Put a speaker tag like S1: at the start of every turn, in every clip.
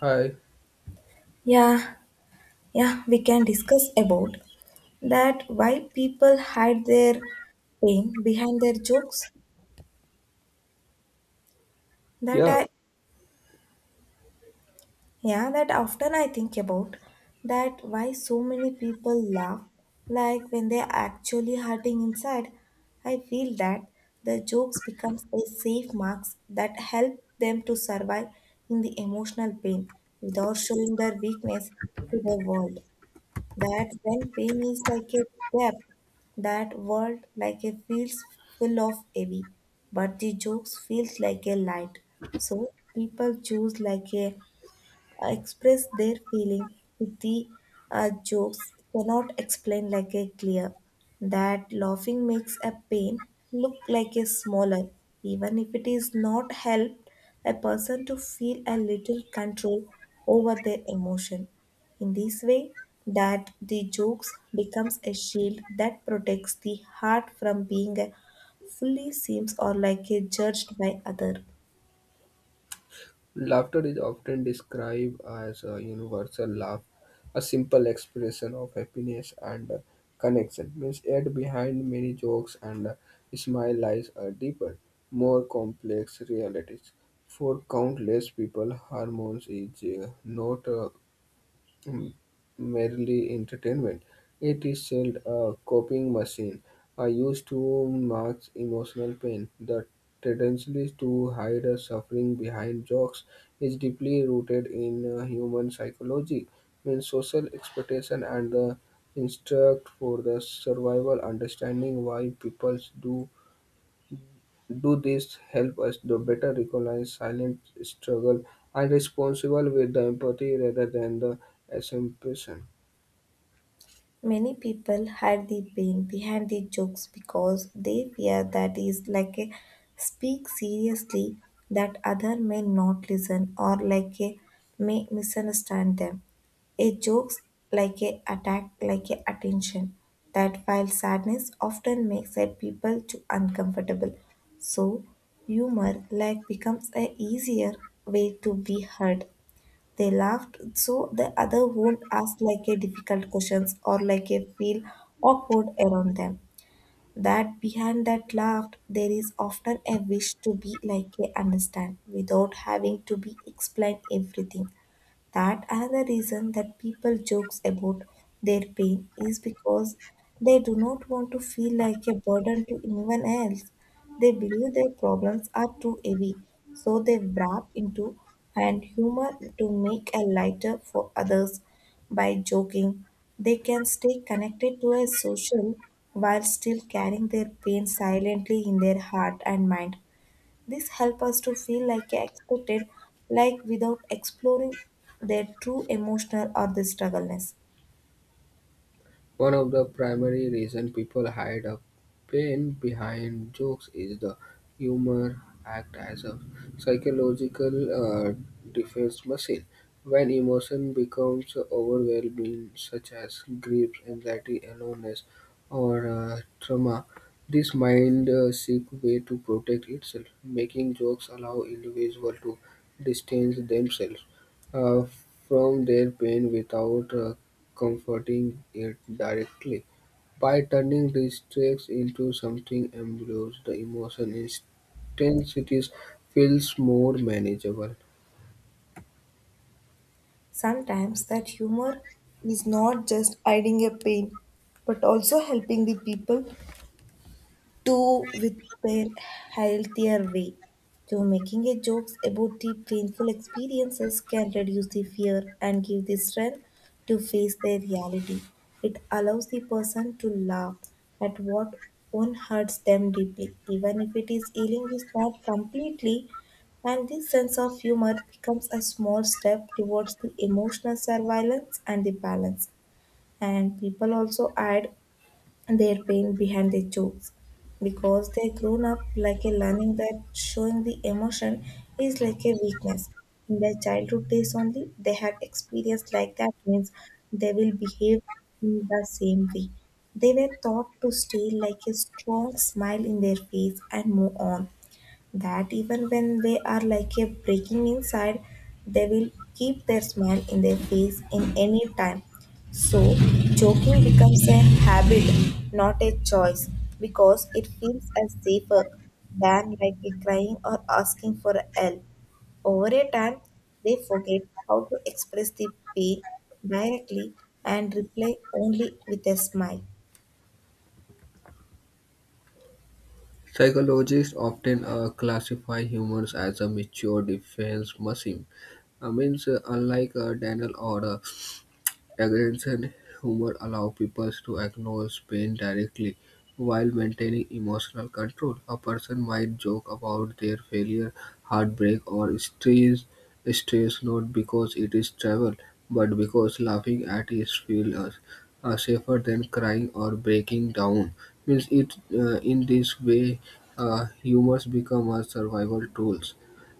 S1: Hi.
S2: Yeah, yeah, we can discuss about that why people hide their pain behind their jokes. That
S1: Yeah,
S2: I, yeah, that often I think about that why so many people laugh like when they're actually hurting inside. I feel that the jokes becomes a safe marks that help them to survive in the emotional pain without showing their weakness to the world. That when pain is like a depth, that world like a feels full of heavy, but the jokes feels like a light. So people choose like a express their feeling with the jokes cannot explain like a clear that laughing makes a pain look like a smaller even if it is not helped a person to feel a little control over their emotion in this way that the jokes becomes a shield that protects the heart from being a fully seems or like a judged by other.
S1: laughter is often described as a universal laugh, a simple expression of happiness and connection. Means yet behind many jokes and smile lies a deeper, more complex realities. For countless people, hormones is not m- merely entertainment. It is said a coping machine are used to mask emotional pain. The tendency to hide a suffering behind jokes is deeply rooted in human psychology, means social expectation and the instinct for the survival. Understanding why people do this help us to better recognize silent struggle and responsible with the empathy rather than the assumption.
S2: Many people hide the pain behind the jokes because they fear that is like a speak seriously that other may not listen or like a may misunderstand them. A jokes like a attack like a attention that while sadness often makes a people to uncomfortable. So humor like becomes a easier way to be heard, they laughed, so the other won't ask like a difficult questions or like a feel awkward around them. That behind that laugh, there is often a wish to be like a understand without having to be explain everything, that another reason that people jokes about their pain is because they do not want to feel like a burden to anyone else. They believe their problems are too heavy, so they wrap into and humor to make a lighter for others. By joking they can stay connected to a social while still carrying their pain silently in their heart and mind. This helps us to feel like a expected, like without exploring their true emotional or the struggleness.
S1: One of the primary reasons people hide a pain behind jokes is the humor act as a psychological uh, defense machine. When emotion becomes overwhelming, such as grief, anxiety, aloneness, or trauma, this mind seek way to protect itself. Making jokes allow individuals to distance themselves uh, from their pain without comforting it directly. By turning distress into something ambiguous, the emotion intensity feels more manageable.
S2: Sometimes that humor is not just hiding a pain, but also helping the people to with their healthier way. So making a jokes about the painful experiences can reduce the fear and give the strength to face their reality. It allows the person to laugh at what one hurts them deeply, even if it is healing is not completely. And this sense of humor becomes a small step towards the emotional surveillance and the balance. And people also add their pain behind their jokes because they grown up like a learning that showing the emotion is like a weakness. In their childhood days only they had experience like that means they will behave in the same way. They were taught to stay like a strong smile in their face and move on, that even when they are like a breaking inside, they will keep their smile in their face in any time. So, joking becomes a habit, not a choice, because it feels as safer than like a crying or asking for help. Over a time, they forget how to express the pain directly and reply only with a smile.
S1: Psychologists often classify humans as a mature defense mechanism. I mean, unlike a Daniel or a aggression humor allow people to acknowledge pain directly while maintaining emotional control. A person might joke about their failure, heartbreak, or stress not because it is travel, but because laughing at it feels safer than crying or breaking down. Means it in this way, humors become a survival tools.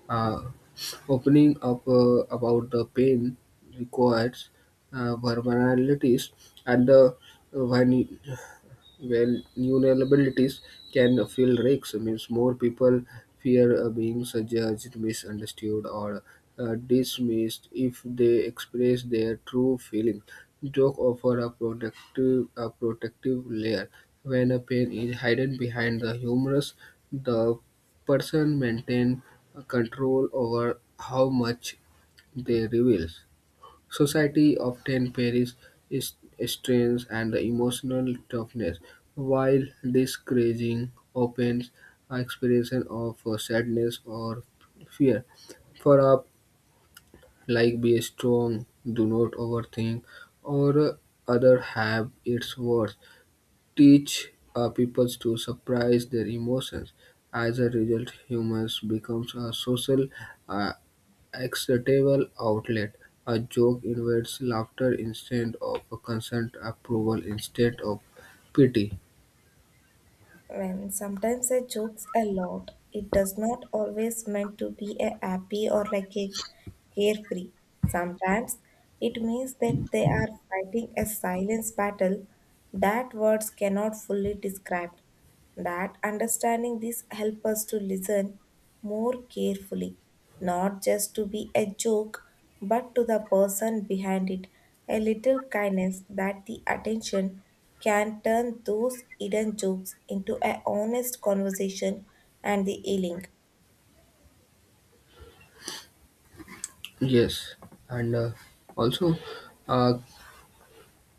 S1: Uh, opening up about the pain requires vulnerabilities and the vulne- well, vulnerabilities can feel risks. Means more people fear being judged, misunderstood, or dismissed if they express their true feelings. Joke offer a protective layer. When a pain is hidden behind the humorous, the person maintain control over how much they reveal. Society often peries is strength and emotional toughness, while discouraging opens expression of sadness or fear. For up, like be strong, do not overthink, or other have its worth teach people to surprise their emotions. As a result, humors becomes a social uh, acceptable outlet. A joke invites laughter instead of a consent approval instead of pity.
S2: When sometimes I jokes a lot, it does not always meant to be a happy or like a carefree. Sometimes it means that they are fighting a silence battle that words cannot fully describe. That understanding this help us to listen more carefully, not just to be a joke, but to the person behind it. A little kindness that the attention can turn those hidden jokes into a honest conversation and the healing.
S1: Yes, and also uh,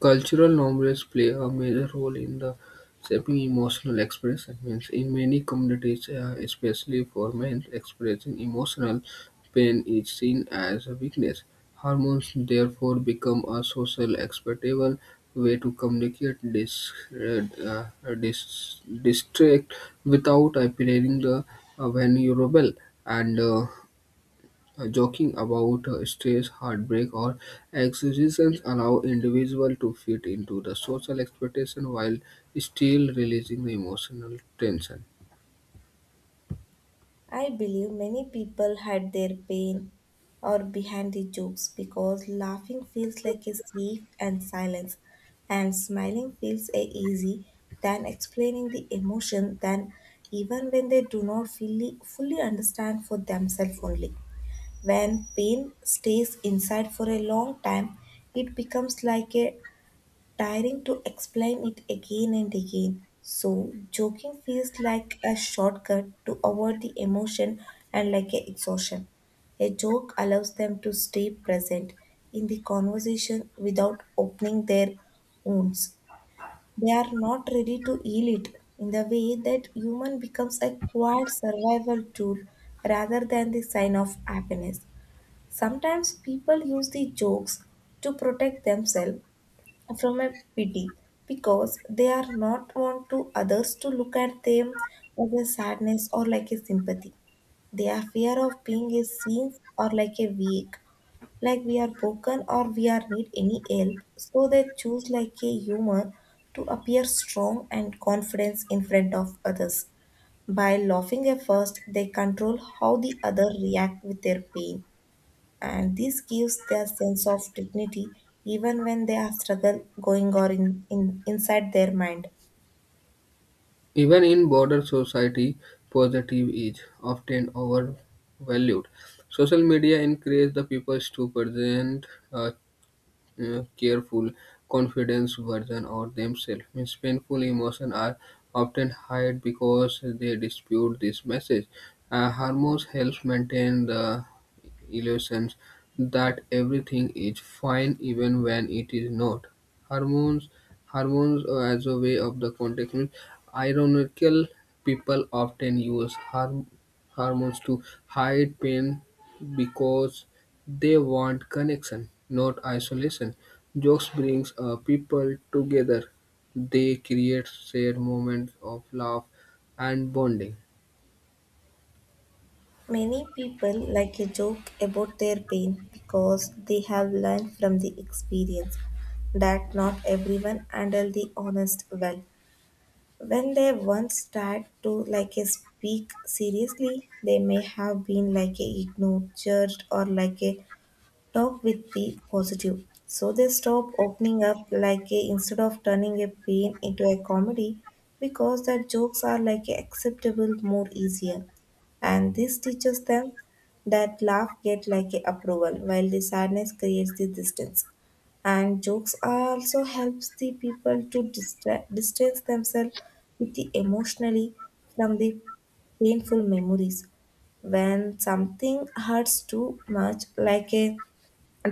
S1: cultural norms play a major role in the shaping emotional expression. Means in many communities, especially for men, expressing emotional pain is seen as a weakness. Hormones therefore become a social acceptable way to communicate this distract without appearing the vulnerable and joking about stress, heartbreak, or exhibitions allow individuals to fit into the social expectation while still releasing the emotional tension.
S2: I believe many people hide their pain or behind the jokes because laughing feels like a safe and silence, and smiling feels a easy than explaining the emotion than even when they do not fully understand for themselves only. When pain stays inside for a long time, it becomes like a tiring to explain it again and again. So, joking feels like a shortcut to avoid the emotion and like a exhaustion. A joke allows them to stay present in the conversation without opening their wounds. They are not ready to heal it in the way that human becomes a quiet survival tool rather than the sign of happiness. Sometimes people use the jokes to protect themselves from a pity because they are not want to others to look at them as a sadness or like a sympathy. Their fear of being is seen or like a weak, like we are broken or we are need any help. So they choose like a humor to appear strong and confidence in front of others. By laughing at first, they control how the other react with their pain and this gives their sense of dignity even when they have struggle going or in, inside their mind.
S1: Even in border society, positive is often overvalued. Social media encourages the people to present uh, careful, confidence, version of themselves. Means painful emotions are often hide because they dispute this message. Hormones helps maintain the illusions that everything is fine even when it is not. Hormones, hormones as a way of the context. Means ironical people often use harm hormones to hide pain because they want connection, not isolation. Jokes brings people together. They create shared moments of love and bonding.
S2: Many people like a joke about their pain because they have learned from the experience that not everyone handle the honest well. When they once start to like a speak seriously they may have been like a ignored judged or like a talk with the positive. So they stop opening up like a instead of turning a pain into a comedy because their jokes are like a acceptable more easier. And this teaches them that laugh get like a approval while the sadness creates the distance. And jokes are also helps the people to distance themselves with the emotionally from the painful memories. When something hurts too much like a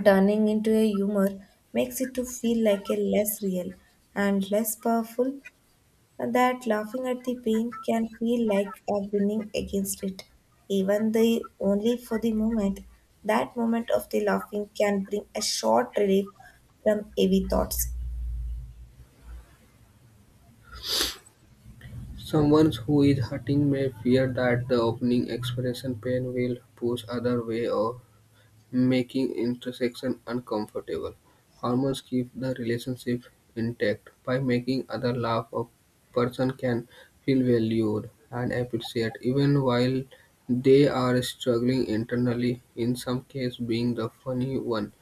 S2: turning into a humor makes it to feel like a less real and less powerful, and that laughing at the pain can feel like a winning against it, even the only for the moment. That moment of the laughing can bring a short relief from heavy thoughts.
S1: Someone who is hurting may fear that the opening expression pain will push other way or making intersection uncomfortable. Hormones keep the relationship intact by making other laugh. A person can feel valued and appreciated even while they are struggling internally. In some cases, being the funny one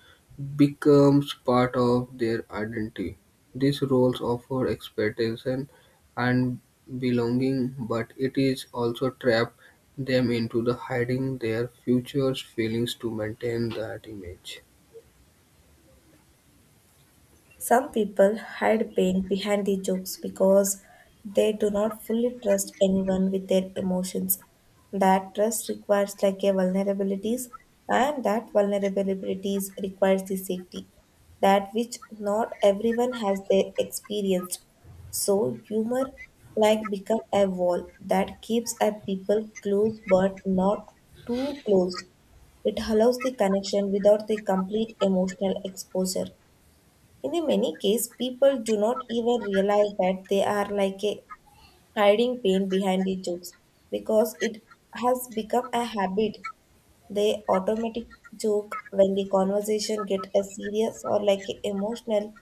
S1: becomes part of their identity. These roles offer expectation and belonging, but it is also trap them into the hiding their future feelings to maintain that image.
S2: Some people hide pain behind the jokes because they do not fully trust anyone with their emotions. That trust requires like a vulnerabilities and that vulnerabilities requires the safety that which not everyone has they experienced. So humor like become a wall that keeps a people close but not too close. It allows the connection without the complete emotional exposure. In the many cases, people do not even realize that they are like a hiding pain behind the jokes because it has become a habit. They automatic joke when the conversation get a serious or like a emotional.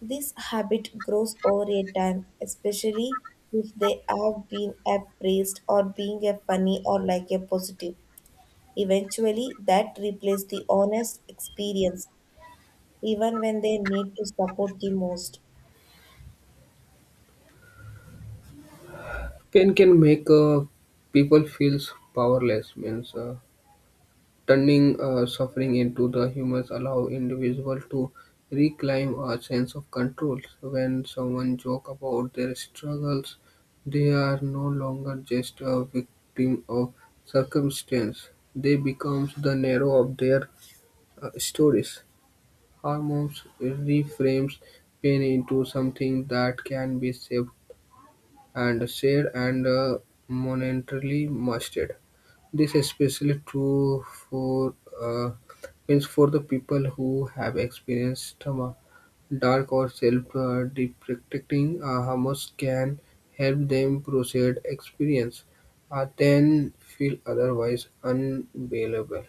S2: This habit grows over a time, especially if they have been appraised or being a funny or like a positive. Eventually that replaces the honest experience even when they need to support the most.
S1: Pain can make people feel powerless, means turning suffering into the humans allow individual to reclaim a sense of control. When someone joke about their struggles, they are no longer just a victim of circumstance. They become the narrow of their stories, hormones reframes pain into something that can be saved and shared and monetarily mastered. This is especially true for uh, means for the people who have experienced trauma. Dark or self-deprecating hormones can help them process experience, then feel otherwise unbearable.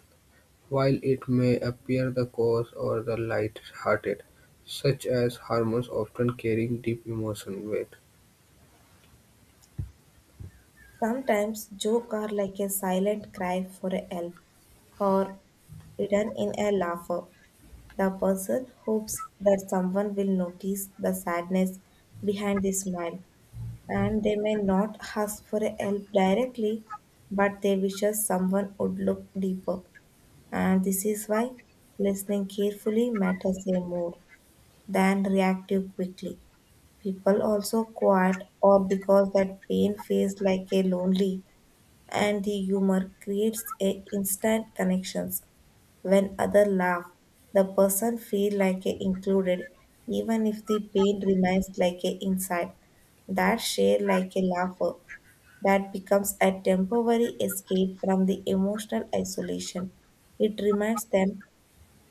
S1: While it may appear the coarse or the light-hearted, such as humors often carrying deep emotional weight.
S2: Sometimes jokes are like a silent cry for help or hidden in a laugher. The person hopes that someone will notice the sadness behind the smile, and they may not ask for help directly, but they wishes someone would look deeper. And this is why listening carefully matters a more than reactive quickly. People also quiet or because that pain feels like a lonely and the humor creates a instant connections. When other laugh, the person feel like a included, even if the pain remains like a inside. That share like a laugher that becomes a temporary escape from the emotional isolation. It reminds them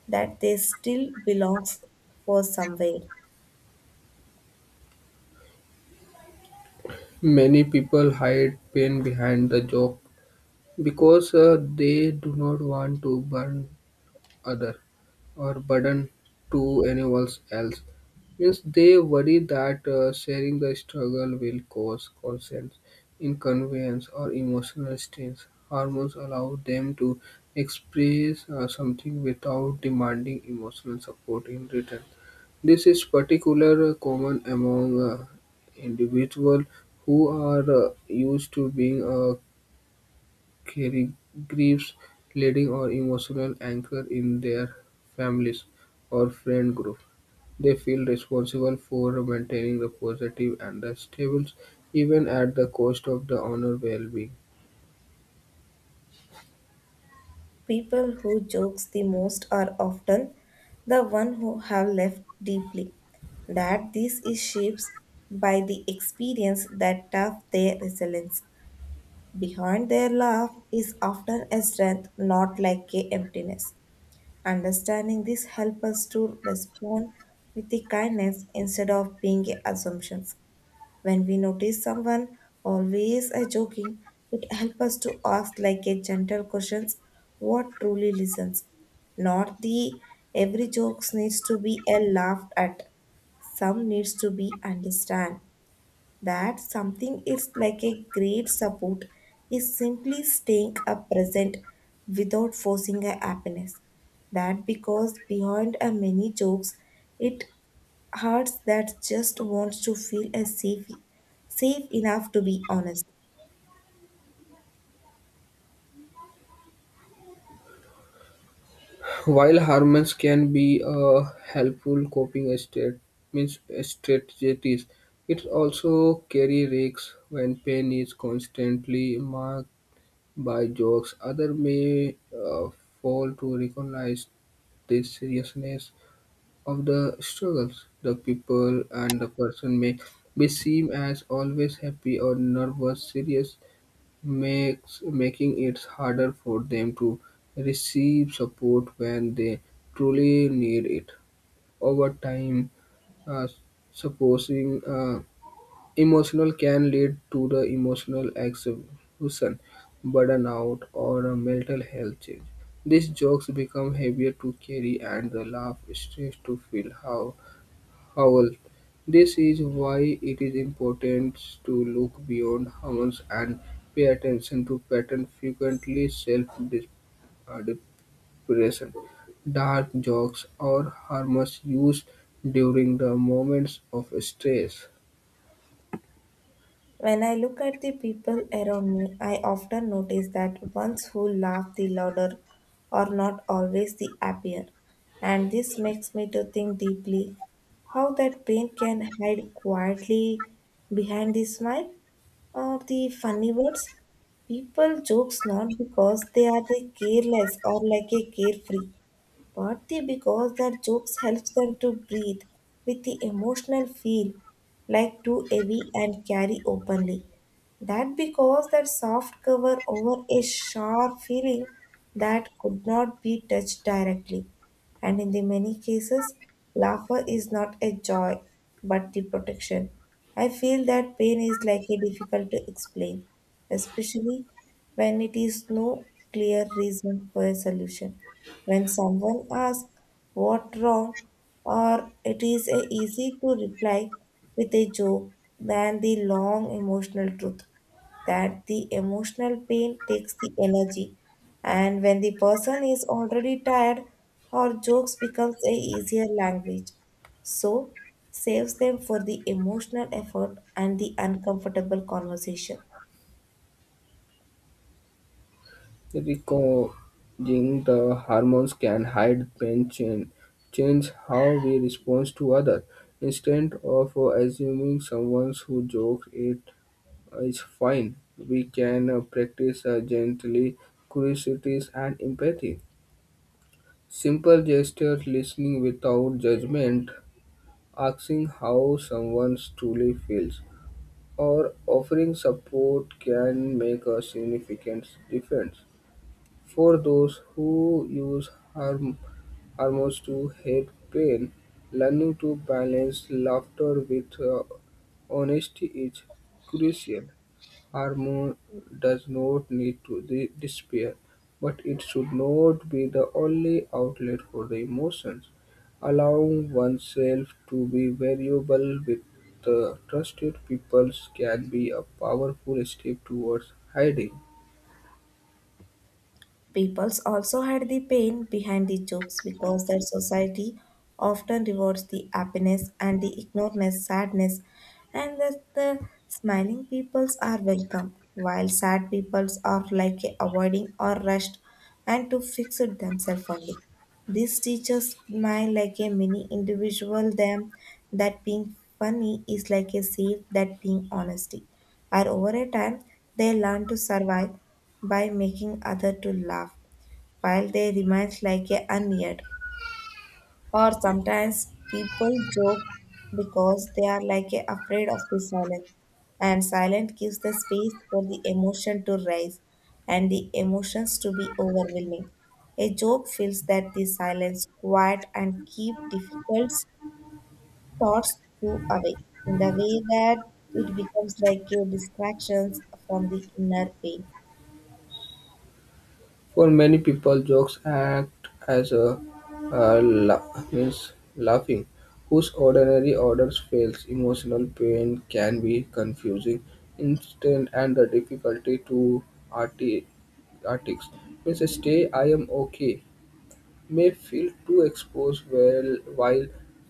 S2: that they still belongs for somewhere.
S1: Many people hide pain behind the joke because they do not want to burn other or burden to anyone else. Means they worry that sharing the struggle will cause consent, inconvenience, or emotional strain. Hormones allow them to express something without demanding emotional support in return. This is particularly common among individuals who are used to being carrying griefs, leading or emotional anchor in their families or friend group. They feel responsible for maintaining the positive and the stable, even at the cost of the honor well-being.
S2: People who jokes the most are often the one who have left deeply. That this is shaped by the experience that tough their resilience. Behind their laugh is often a strength, not like a emptiness. Understanding this helps us to respond with the kindness instead of being assumptions. When we notice someone always a joking, it helps us to ask like a gentle questions what truly listens. Not the every jokes needs to be a laughed at. Some needs to be understand that something is like a great support is simply staying a present without forcing a happiness. That because behind a many jokes, it hurts that just wants to feel a safe, enough to be honest.
S1: While hormones can be a helpful coping state, means strategies, it also carry risks when pain is constantly marked by jokes, others may fail to recognize the seriousness of the struggles. The people and the person may be seen as always happy or nervous. Serious makes making it harder for them to receive support when they truly need it. Over time, uh, supposing emotional can lead to the emotional exhaustion, burnout, or a mental health change. These jokes become heavier to carry and the laugh starts to feel how howl. This is why it is important to look beyond hormones and pay attention to pattern frequently self-depression. Dark jokes or harmless used during the moments of stress.
S2: When I look at the people around me, I often notice that ones who laugh the louder are not always the happier. And this makes me to think deeply how that pain can hide quietly behind the smile or the funny words. People jokes not because they are the careless or like a carefree, partly because their jokes helps them to breathe with the emotional feel like too heavy and carry openly. That because that soft cover over a sharp feeling that could not be touched directly, and in the many cases, laughter is not a joy but the protection. I feel that pain is likely difficult to explain, especially when it is no clear reason for a solution. When someone asks what wrong, or it is a easy to reply with a joke than the long emotional truth that the emotional pain takes the energy, and when the person is already tired or jokes becomes a easier language so saves them for the emotional effort and the uncomfortable conversation.
S1: Recoding the hormones can hide pain change, how we respond to others. Instead of assuming someone who jokes it is fine, we can practice gently curiosity and empathy. Simple gestures, listening without judgment, asking how someone truly feels, or offering support can make a significant difference. For those who use harm, humor to hide pain, learning to balance laughter with honesty is crucial. Humor does not need to disappear, but it should not be the only outlet for the emotions. Allowing oneself to be variable with trusted people can be a powerful step towards hiding.
S2: Peoples also hide the pain behind the jokes because their society often rewards the happiness and the ignoredness, sadness, and that the smiling peoples are welcome, while sad peoples are like avoiding or rushed and to fix it themselves only. This teaches smile like a mini individual them that being funny is like a safe that being honesty. And over a time, they learn to survive by making others to laugh while they remain like a unneared. Or sometimes people joke because they are like a afraid of the silence. And silence gives the space for the emotion to rise and the emotions to be overwhelming. A joke feels that the silence quiet and keep difficult thoughts go away in the way that it becomes like a distraction from the inner pain.
S1: For many people, jokes act as a means laughing, whose ordinary orders fails. Emotional pain can be confusing, instant, and the difficulty to arti- artics. Means stay. I am okay may feel too exposed while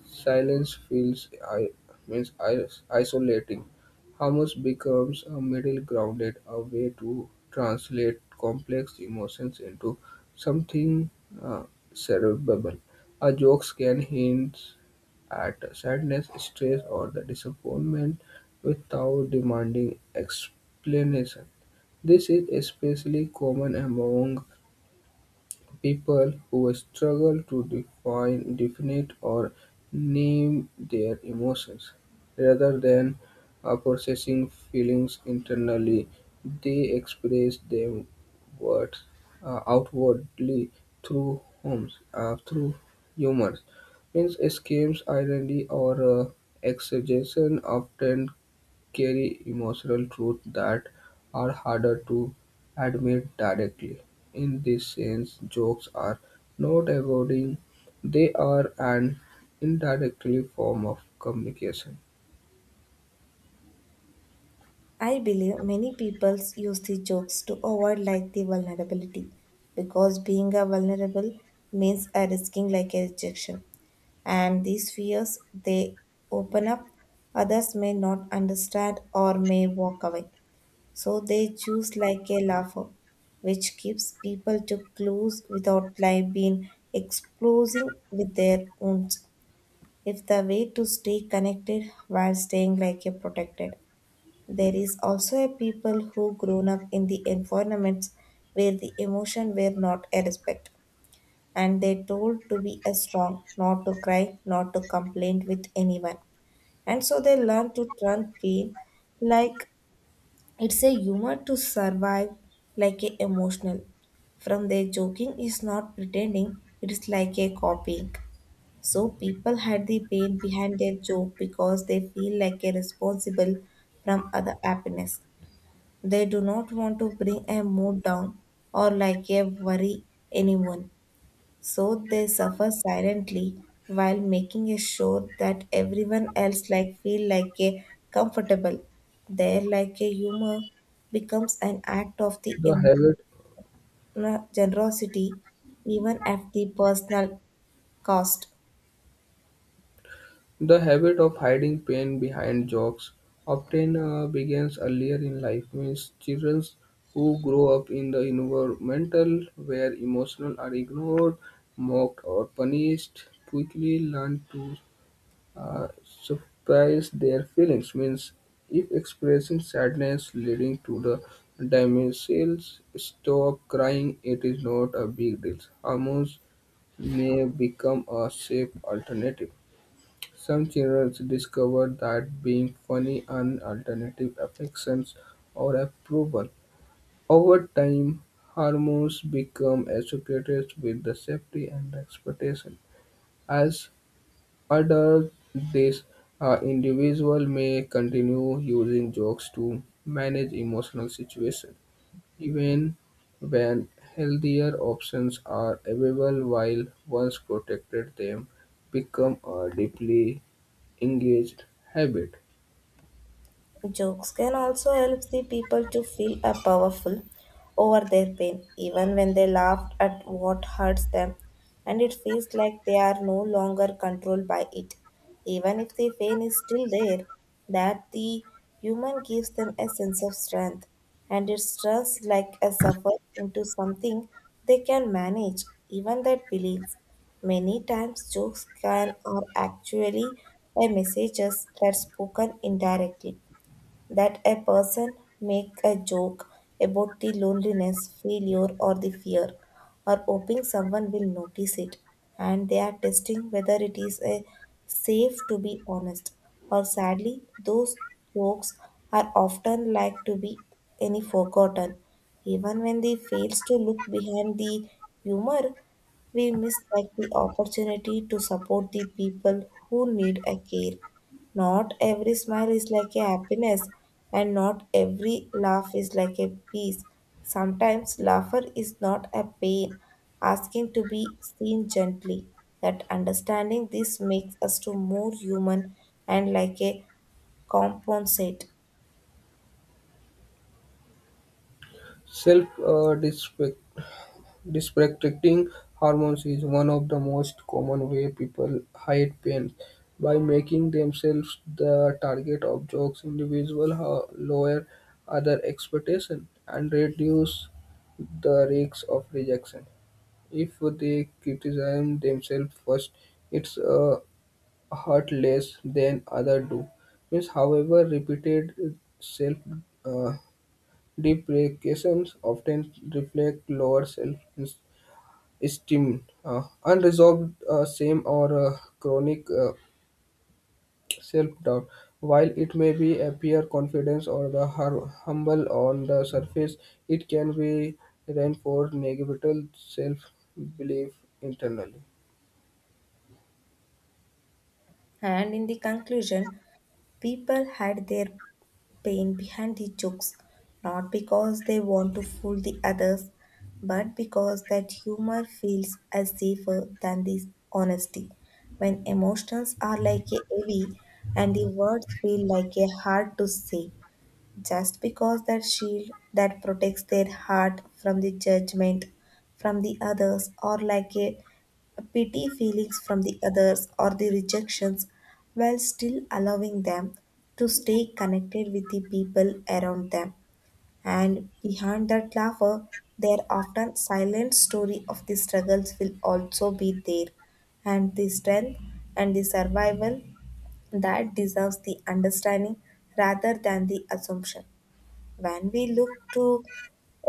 S1: silence feels means isolating. Hummus becomes a middle grounded, a way to translate complex emotions into something uh, cerebral. A jokes can hint at sadness, stress, or the disappointment without demanding explanation. This is especially common among people who struggle to define, definite, or name their emotions. Rather than processing feelings internally, they express them words outwardly through homes, through humor. Means escapes irony, or exaggeration often carry emotional truths that are harder to admit directly. In this sense, jokes are not avoiding, they are an indirectly form of communication.
S2: I believe many people use the jokes to avoid like the vulnerability, because being a vulnerable means a risking like a rejection. And these fears they open up others may not understand or may walk away. So they choose like a lava, which gives people to clues without life being exploding with their wounds. If the way to stay connected while staying like a protected. There is also a people who grown up in the environments where the emotion were not a respect and they told to be a strong, not to cry, not to complain with anyone. And so they learn to turn pain like it's a humor to survive like a emotional. From their joking is not pretending, it's like a copying. So people hide the pain behind their joke because they feel like a responsible from other happiness. They do not want to bring a mood down or like a worry anyone. So they suffer silently while making a sure that everyone else like feel like a comfortable. Their like a humor becomes an act of the
S1: The habit,
S2: emotional generosity, even at the personal cost.
S1: the habit of hiding pain behind jokes often begins earlier in life, means children who grow up in the environmental where emotional are ignored, mocked or punished quickly learn to suppress their feelings means if expressing sadness leading to the damsels stop crying it is not a big deal hormones may become a safe alternative some children discover that being funny and alternative affections or approval over time hormones become associated with the safety and expectation as under this, an individual may continue using jokes to manage emotional situations, even when healthier options are available while once protected them become a deeply engaged habit.
S2: Jokes can also help the people to feel a powerful over their pain, even when they laugh at what hurts them, and it feels like they are no longer controlled by it. Even if the pain is still there, that the human gives them a sense of strength, and it turns like a suffer into something they can manage, even that belief. Many times jokes can are actually a messages that spoken indirectly, that a person make a joke about the loneliness, failure, or the fear, or hoping someone will notice it, and they are testing whether it is a safe to be honest. Or sadly, those jokes are often like to be any forgotten, even when they fails to look behind the humor. We miss like the opportunity to support the people who need a care. Not every smile is like a happiness, and not every laugh is like a peace. Sometimes laughter is not a pain, asking to be seen gently. That understanding this makes us to more human and like a compensate.
S1: Self-deprecation disrespecting hormones is one of the most common way people hide pain by making themselves the target of jokes. Individuals lower other expectations and reduce the risks of rejection. If they criticize themselves first, it's hurt less than others do. Means, however, repeated self uh, deprecations often reflect lower self esteem, unresolved shame or chronic self-doubt. While it may be appear confidence or the humble on the surface, it can be reinforced negative self-belief internally.
S2: And in the conclusion, people hide their pain behind the jokes, not because they want to fool the others, but because that humor feels as safer than this honesty. When emotions are like a heavy and the words feel like a hard to say, just because that shield that protects their heart from the judgment from the others, or like a pity feelings from the others or the rejections, while still allowing them to stay connected with the people around them. And behind that laughter their often silent story of the struggles will also be there, and the strength and the survival that deserves the understanding rather than the assumption. When we look to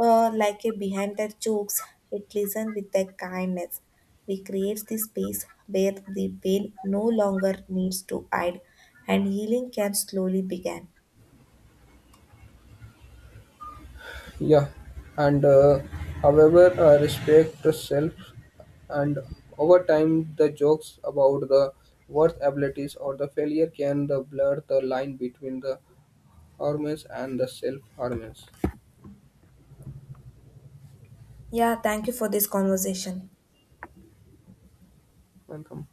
S2: like a behind their jokes, it listen with their kindness. We create the space where the pain no longer needs to hide and healing can slowly begin.
S1: Yeah, and however, respect the self, and over time, the jokes about the worth abilities or the failure can the blur the line between the harmless and the self harmless.
S2: Yeah, thank you for this conversation.
S1: Welcome.